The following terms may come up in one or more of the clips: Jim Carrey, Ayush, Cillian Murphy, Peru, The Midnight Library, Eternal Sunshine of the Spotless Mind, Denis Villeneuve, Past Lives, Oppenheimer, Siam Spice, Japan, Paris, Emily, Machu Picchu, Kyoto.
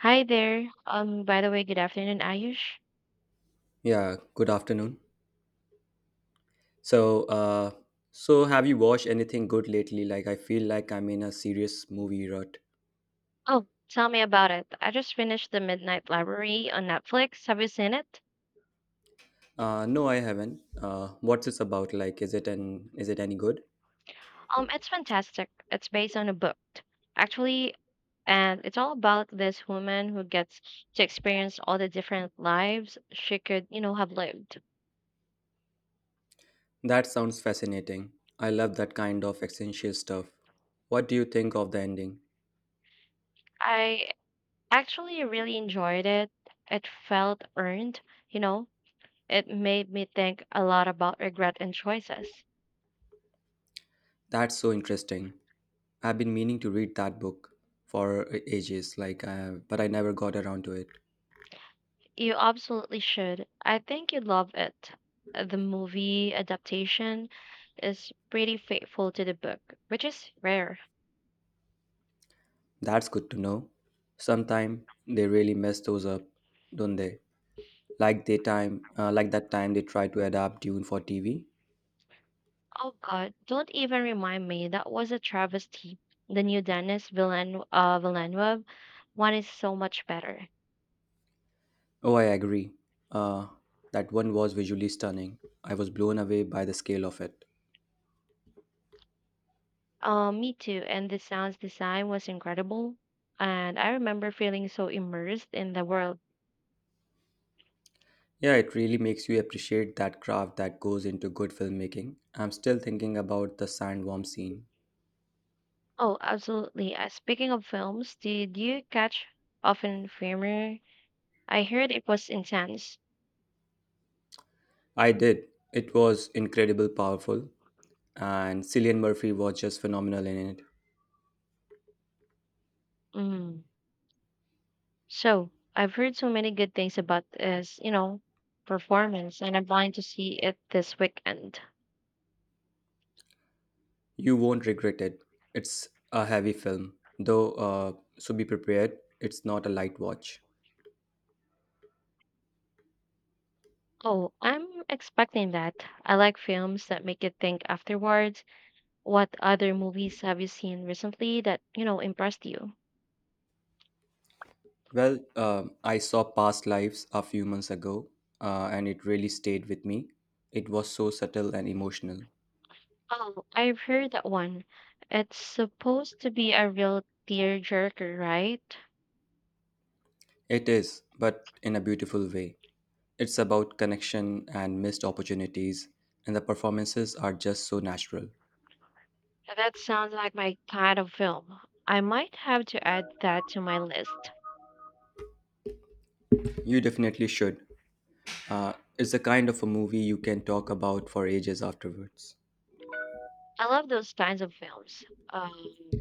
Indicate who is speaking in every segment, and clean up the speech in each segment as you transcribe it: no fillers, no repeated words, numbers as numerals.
Speaker 1: Hi there. By the way, good afternoon, Ayush.
Speaker 2: Yeah, good afternoon. So, uh, so have you watched anything good lately? Like, I feel like I'm in a serious movie rut.
Speaker 1: Oh, tell me about it. I just finished The Midnight Library on Netflix. Have you seen it?
Speaker 2: No, I haven't. What's this about? Like, is it any good?
Speaker 1: It's fantastic. It's based on a book, actually, and it's all about this woman who gets to experience all the different lives she could, have lived.
Speaker 2: That sounds fascinating. I love that kind of existential stuff. What do you think of the ending?
Speaker 1: I actually really enjoyed it. It felt earned, you know. It made me think a lot about regret and choices.
Speaker 2: That's so interesting. I've been meaning to read that book for ages, but I never got around to it.
Speaker 1: You absolutely should. I think you'd love it. The movie adaptation is pretty faithful to the book, which is rare.
Speaker 2: That's good to know. Sometime they really mess those up, don't they? Like that time they tried to adapt Dune for TV.
Speaker 1: Oh God, don't even remind me. That was a travesty. The new Dennis Villeneuve one is so much better.
Speaker 2: Oh, I agree. uh, that one was visually stunning. I was blown away by the scale of it.
Speaker 1: Me too. And the sound's design was incredible. And I remember feeling so immersed in the world.
Speaker 2: Yeah, it really makes you appreciate that craft that goes into good filmmaking. I'm still thinking about the sandworm scene.
Speaker 1: Oh, absolutely. Speaking of films, did you catch Oppenheimer? I heard it was intense.
Speaker 2: I did. It was incredible powerful, and Cillian Murphy was just phenomenal in it.
Speaker 1: Mm. So I've heard so many good things about this, performance, and I'm planning to see it this weekend.
Speaker 2: You won't regret it. It's a heavy film, though so be prepared. It's not a light watch.
Speaker 1: Oh, I'm expecting that. I like films that make you think afterwards. What other movies have you seen recently that, impressed you?
Speaker 2: I saw Past Lives a few months ago, and it really stayed with me. It was so subtle and emotional.
Speaker 1: Oh, I've heard that one. It's supposed to be a real tearjerker, right?
Speaker 2: It is, but in a beautiful way. It's about connection and missed opportunities, and the performances are just so natural.
Speaker 1: That sounds like my kind of film. I might have to add that to my list.
Speaker 2: You definitely should. It's the kind of a movie you can talk about for ages afterwards.
Speaker 1: I love those kinds of films. Um,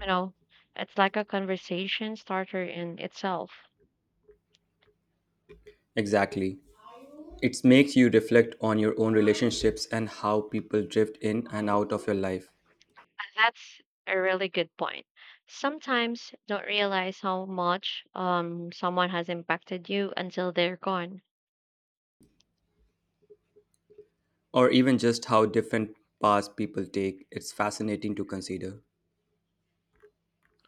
Speaker 1: you know, it's like a conversation starter in itself.
Speaker 2: Exactly. It makes you reflect on your own relationships and how people drift in and out of your life.
Speaker 1: That's a really good point. Sometimes don't realize how much someone has impacted you until they're gone.
Speaker 2: Or even just how different paths people take, it's fascinating to consider.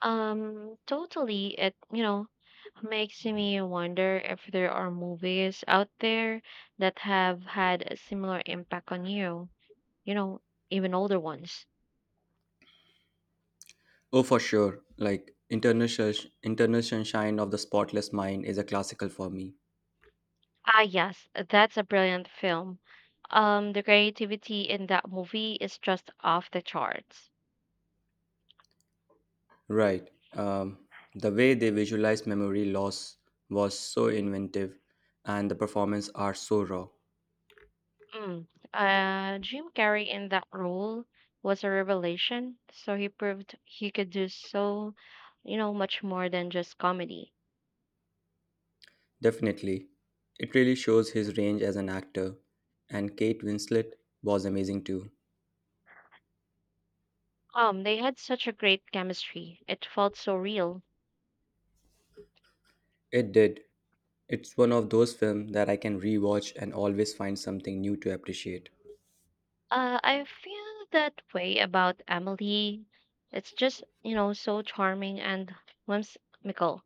Speaker 1: Totally. It makes me wonder if there are movies out there that have had a similar impact on you. You know, even older ones.
Speaker 2: Oh, for sure. Like, Internal Sunshine of the Spotless Mind is a classical for me.
Speaker 1: Ah, yes, that's a brilliant film. The creativity in that movie is just off the charts.
Speaker 2: Right. The way they visualized memory loss was so inventive, and the performance are so raw.
Speaker 1: Mm. Jim Carrey in that role was a revelation, so he proved he could do so, much more than just comedy.
Speaker 2: Definitely. It really shows his range as an actor, and Kate Winslet was amazing too.
Speaker 1: They had such a great chemistry. It felt so real.
Speaker 2: It did. It's one of those films that I can rewatch and always find something new to appreciate.
Speaker 1: I feel that way about Emily. It's just, so charming and whimsical.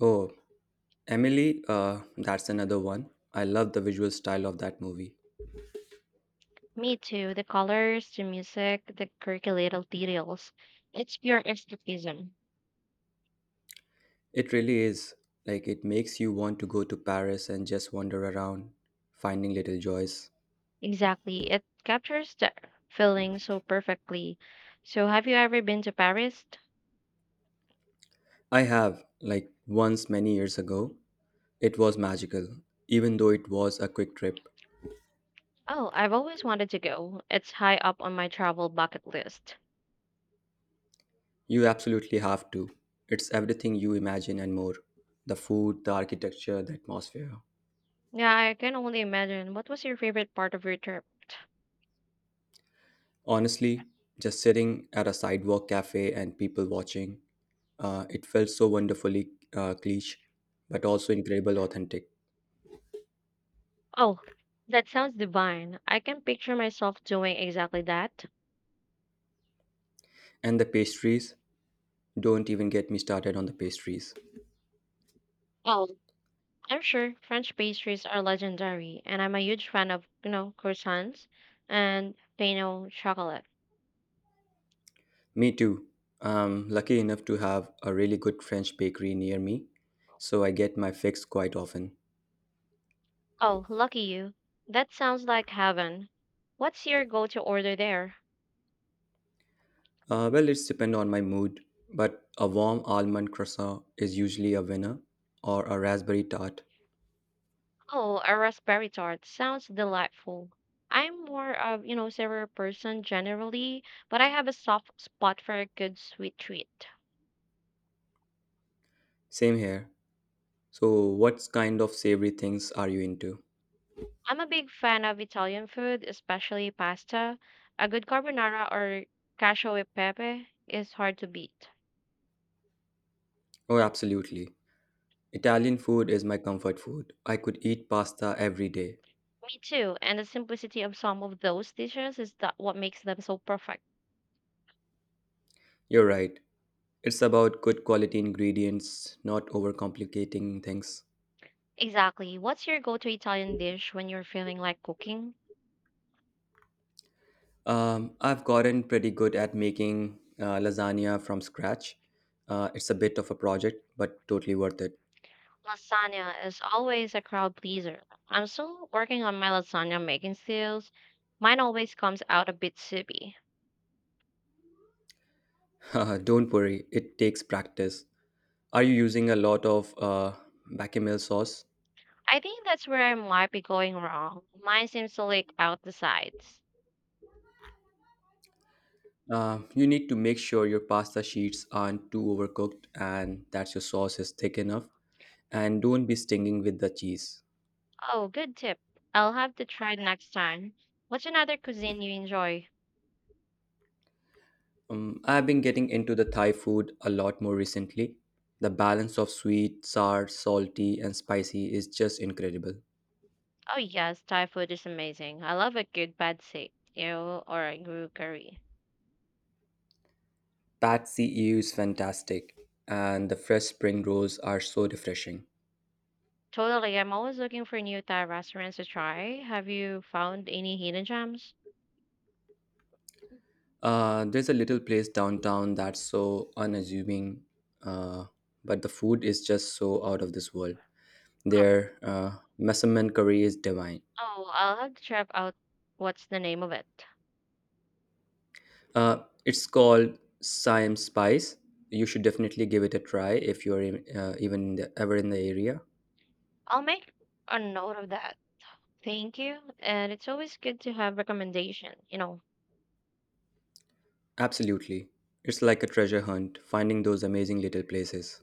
Speaker 2: Oh, Emily, that's another one. I love the visual style of that movie.
Speaker 1: Me too. The colors, the music, the quirky little details. It's pure escapism.
Speaker 2: It really is. Like, it makes you want to go to Paris and just wander around, finding little joys.
Speaker 1: Exactly. It captures the feeling so perfectly. So, have you ever been to Paris?
Speaker 2: I have, like, once many years ago. It was magical, even though it was a quick trip.
Speaker 1: Oh, I've always wanted to go. It's high up on my travel bucket list.
Speaker 2: You absolutely have to. It's everything you imagine and more: the food, the architecture, the atmosphere.
Speaker 1: Yeah, I can only imagine. What was your favorite part of your trip?
Speaker 2: Honestly, just sitting at a sidewalk cafe and people watching, it felt so wonderfully cliche, but also incredible authentic.
Speaker 1: Oh, that sounds divine. I can picture myself doing exactly that.
Speaker 2: And the pastries, don't even get me started on the pastries.
Speaker 1: Oh. I'm sure French pastries are legendary, and I'm a huge fan of, croissants and pain au chocolate.
Speaker 2: Me too. I'm lucky enough to have a really good French bakery near me, so I get my fix quite often.
Speaker 1: Oh, lucky you. That sounds like heaven. What's your go-to order there?
Speaker 2: Well, it's depend on my mood, but a warm almond croissant is usually a winner, or a raspberry tart.
Speaker 1: Oh, a raspberry tart. Sounds delightful. I'm more of, savory person generally, but I have a soft spot for a good sweet treat.
Speaker 2: Same here. So, what kind of savory things are you into?
Speaker 1: I'm a big fan of Italian food, especially pasta. A good carbonara or cacio e pepe is hard to beat.
Speaker 2: Oh, absolutely. Italian food is my comfort food. I could eat pasta every day.
Speaker 1: Me too. And the simplicity of some of those dishes is that what makes them so perfect.
Speaker 2: You're right. It's about good quality ingredients, not overcomplicating things.
Speaker 1: Exactly. What's your go-to Italian dish when you're feeling like cooking?
Speaker 2: I've gotten pretty good at making lasagna from scratch. It's a bit of a project, but totally worth it.
Speaker 1: Lasagna is always a crowd pleaser. I'm still working on my lasagna making skills. Mine always comes out a bit soupy.
Speaker 2: Don't worry, it takes practice. Are you using a lot of bechamel sauce?
Speaker 1: I think that's where I might be going wrong. Mine seems to leak out the sides.
Speaker 2: You need to make sure your pasta sheets aren't too overcooked and that your sauce is thick enough. And don't be stinging with the cheese.
Speaker 1: Oh, good tip. I'll have to try next time. What's another cuisine you enjoy?
Speaker 2: I've been getting into the Thai food a lot more recently. The balance of sweet, sour, salty, and spicy is just incredible.
Speaker 1: Oh yes, Thai food is amazing. I love a good pad thai ew, or a grue curry.
Speaker 2: Pad see ew is fantastic, and the fresh spring rolls are so refreshing.
Speaker 1: Totally, I'm always looking for new Thai restaurants to try. Have you found any hidden gems?
Speaker 2: There's a little place downtown that's so unassuming, uh, but the food is just so out of this world.
Speaker 1: Oh,
Speaker 2: Their measurement curry is divine.
Speaker 1: oh, I'll have to check out what's the name of it.
Speaker 2: It's called Siam Spice. You should definitely give it a try if you're in, even in the, ever in the area.
Speaker 1: I'll make a note of that. Thank you. And it's always good to have recommendation. You know,
Speaker 2: Absolutely. It's like a treasure hunt, finding those amazing little places.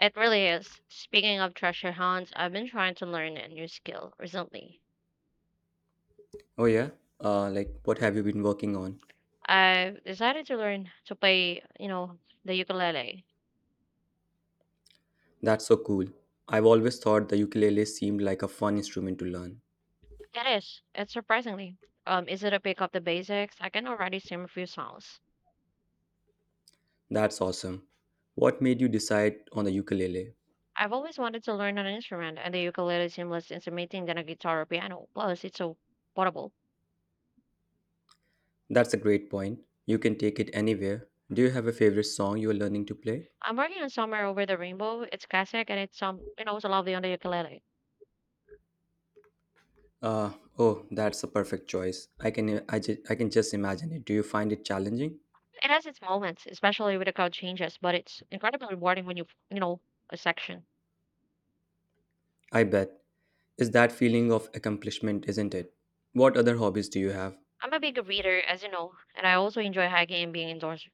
Speaker 1: it really is. Speaking of treasure hunts, I've been trying to learn a new skill recently.
Speaker 2: Oh, yeah? Like, what have you been working on?
Speaker 1: I've decided to learn to play, the ukulele.
Speaker 2: That's so cool. I've always thought the ukulele seemed like a fun instrument to learn.
Speaker 1: It is. It's surprisingly. Is it a pick up the basics? I can already sing a few songs.
Speaker 2: That's awesome. What made you decide on the ukulele?
Speaker 1: I've always wanted to learn an instrument, and the ukulele seems less intimidating than a guitar or piano. Plus, it's so portable.
Speaker 2: That's a great point. You can take it anywhere. Do you have a favorite song you're learning to play?
Speaker 1: I'm working on Somewhere Over the Rainbow. It's classic, and it's it's lovely on the ukulele.
Speaker 2: Uh, oh, that's a perfect choice. I can just imagine it. Do you find it challenging?
Speaker 1: It has its moments, especially with the chord changes, but it's incredibly rewarding when you, you know, a section.
Speaker 2: I bet. It's that feeling of accomplishment, isn't it? What other hobbies do you have?
Speaker 1: I'm a big reader, as you know, and I also enjoy hiking and being indoors.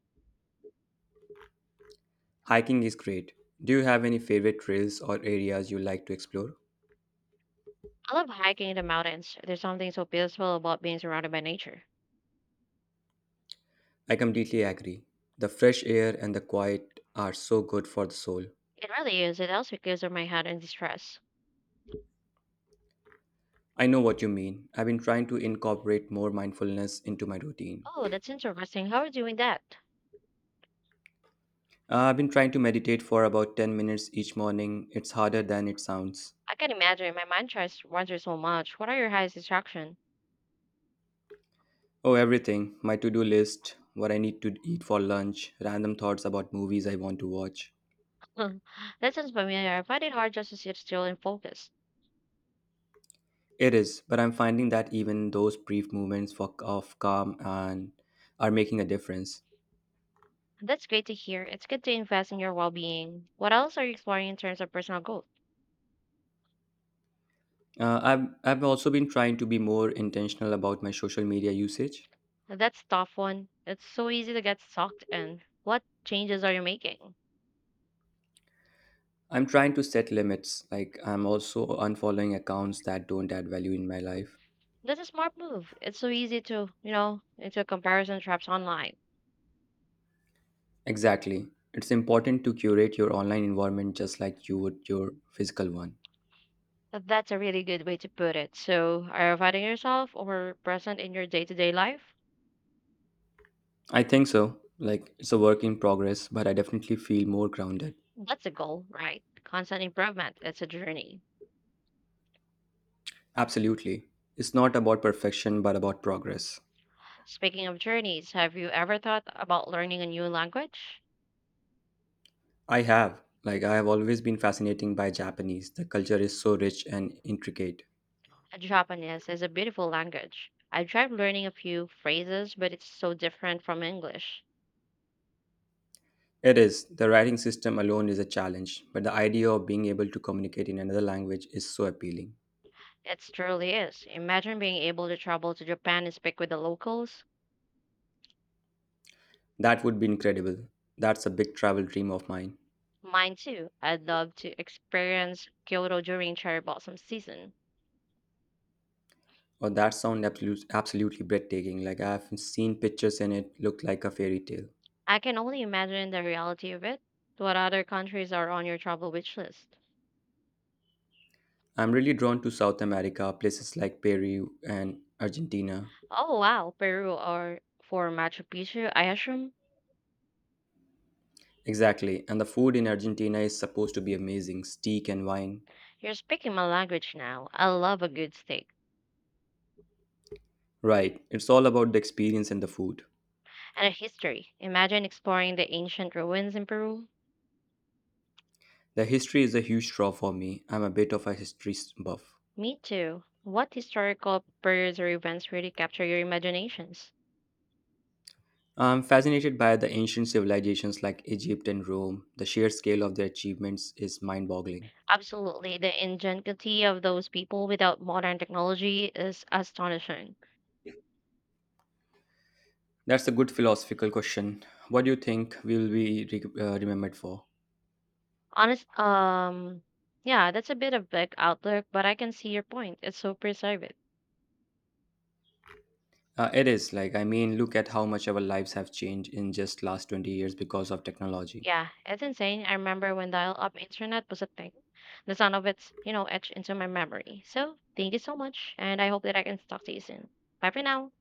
Speaker 2: Hiking is great. Do you have any favorite trails or areas you like to explore?
Speaker 1: I love hiking in the mountains. There's something so peaceful about being surrounded by nature.
Speaker 2: I completely agree. The fresh air and the quiet are so good for the soul.
Speaker 1: It really is. It also clears up my head and distress.
Speaker 2: I know what you mean. I've been trying to incorporate more mindfulness into my routine.
Speaker 1: Oh, that's interesting. How are you doing that?
Speaker 2: I've been trying to meditate for about 10 minutes each morning. It's harder than it sounds.
Speaker 1: I can imagine. My mind tries to wander so much. What are your highest distraction?
Speaker 2: Oh, everything. My to do list, what I need to eat for lunch, random thoughts about movies I want to watch.
Speaker 1: That sounds familiar. I find it hard just to sit still and focus.
Speaker 2: It is, but I'm finding that even those brief moments of calm and are making a difference.
Speaker 1: That's great to hear. It's good to invest in your well-being. What else are you exploring in terms of personal growth?
Speaker 2: I've also been trying to be more intentional about my social media usage.
Speaker 1: That's tough one. It's so easy to get sucked in. What changes are you making?
Speaker 2: I'm trying to set limits, like, I'm also unfollowing accounts that don't add value in my life.
Speaker 1: That's a smart move. It's so easy to, into a comparison traps online.
Speaker 2: Exactly. It's important to curate your online environment just like you would your physical one.
Speaker 1: That's a really good way to put it. So, are you finding yourself or present in your day to day life?
Speaker 2: I think so. Like, it's a work in progress, but I definitely feel more grounded.
Speaker 1: That's a goal, right? Constant improvement. It's a journey.
Speaker 2: Absolutely. It's not about perfection, but about progress.
Speaker 1: Speaking of journeys, have you ever thought about learning a new language?
Speaker 2: I have. Like, I have always been fascinated by Japanese. The culture is so rich and intricate.
Speaker 1: Japanese is a beautiful language. I've tried learning a few phrases, but it's so different from English.
Speaker 2: It is. The writing system alone is a challenge, but the idea of being able to communicate in another language is so appealing.
Speaker 1: It truly is. Imagine being able to travel to Japan and speak with the locals.
Speaker 2: That would be incredible. That's a big travel dream of mine.
Speaker 1: Mine too. I'd love to experience Kyoto during cherry blossom season.
Speaker 2: Or that sound absolute, Absolutely breathtaking. Like, I have seen pictures and it looked like a fairy tale.
Speaker 1: I can only imagine the reality of it. What other countries are on your travel wish list?
Speaker 2: I'm really drawn to South America, places like Peru and Argentina.
Speaker 1: Oh wow, Peru or for Machu Picchu, I assume.
Speaker 2: Exactly, and the food in Argentina is supposed to be amazing steak and wine.
Speaker 1: You're speaking my language now. I love a good steak.
Speaker 2: Right, it's all about the experience and the food.
Speaker 1: And a history. Imagine exploring the ancient ruins in Peru.
Speaker 2: The history is a huge draw for me. I'm a bit of a history buff.
Speaker 1: Me too. What historical periods or events really capture your imaginations?
Speaker 2: I'm fascinated by the ancient civilizations like Egypt and Rome. The sheer scale of their achievements is mind boggling.
Speaker 1: Absolutely. The ingenuity of those people without modern technology is astonishing.
Speaker 2: That's a good philosophical question. What do you think remembered for?
Speaker 1: Honest, yeah, that's a bit of black outlook, but I can see your point. It's so preserved.
Speaker 2: It is like I mean, look at how much our lives have changed in just last 20 years because of technology.
Speaker 1: Yeah, it's insane. I remember when dial-up internet was a thing. The sound of it's, etched into my memory. So thank you so much, and I hope that I can talk to you soon. Bye for now.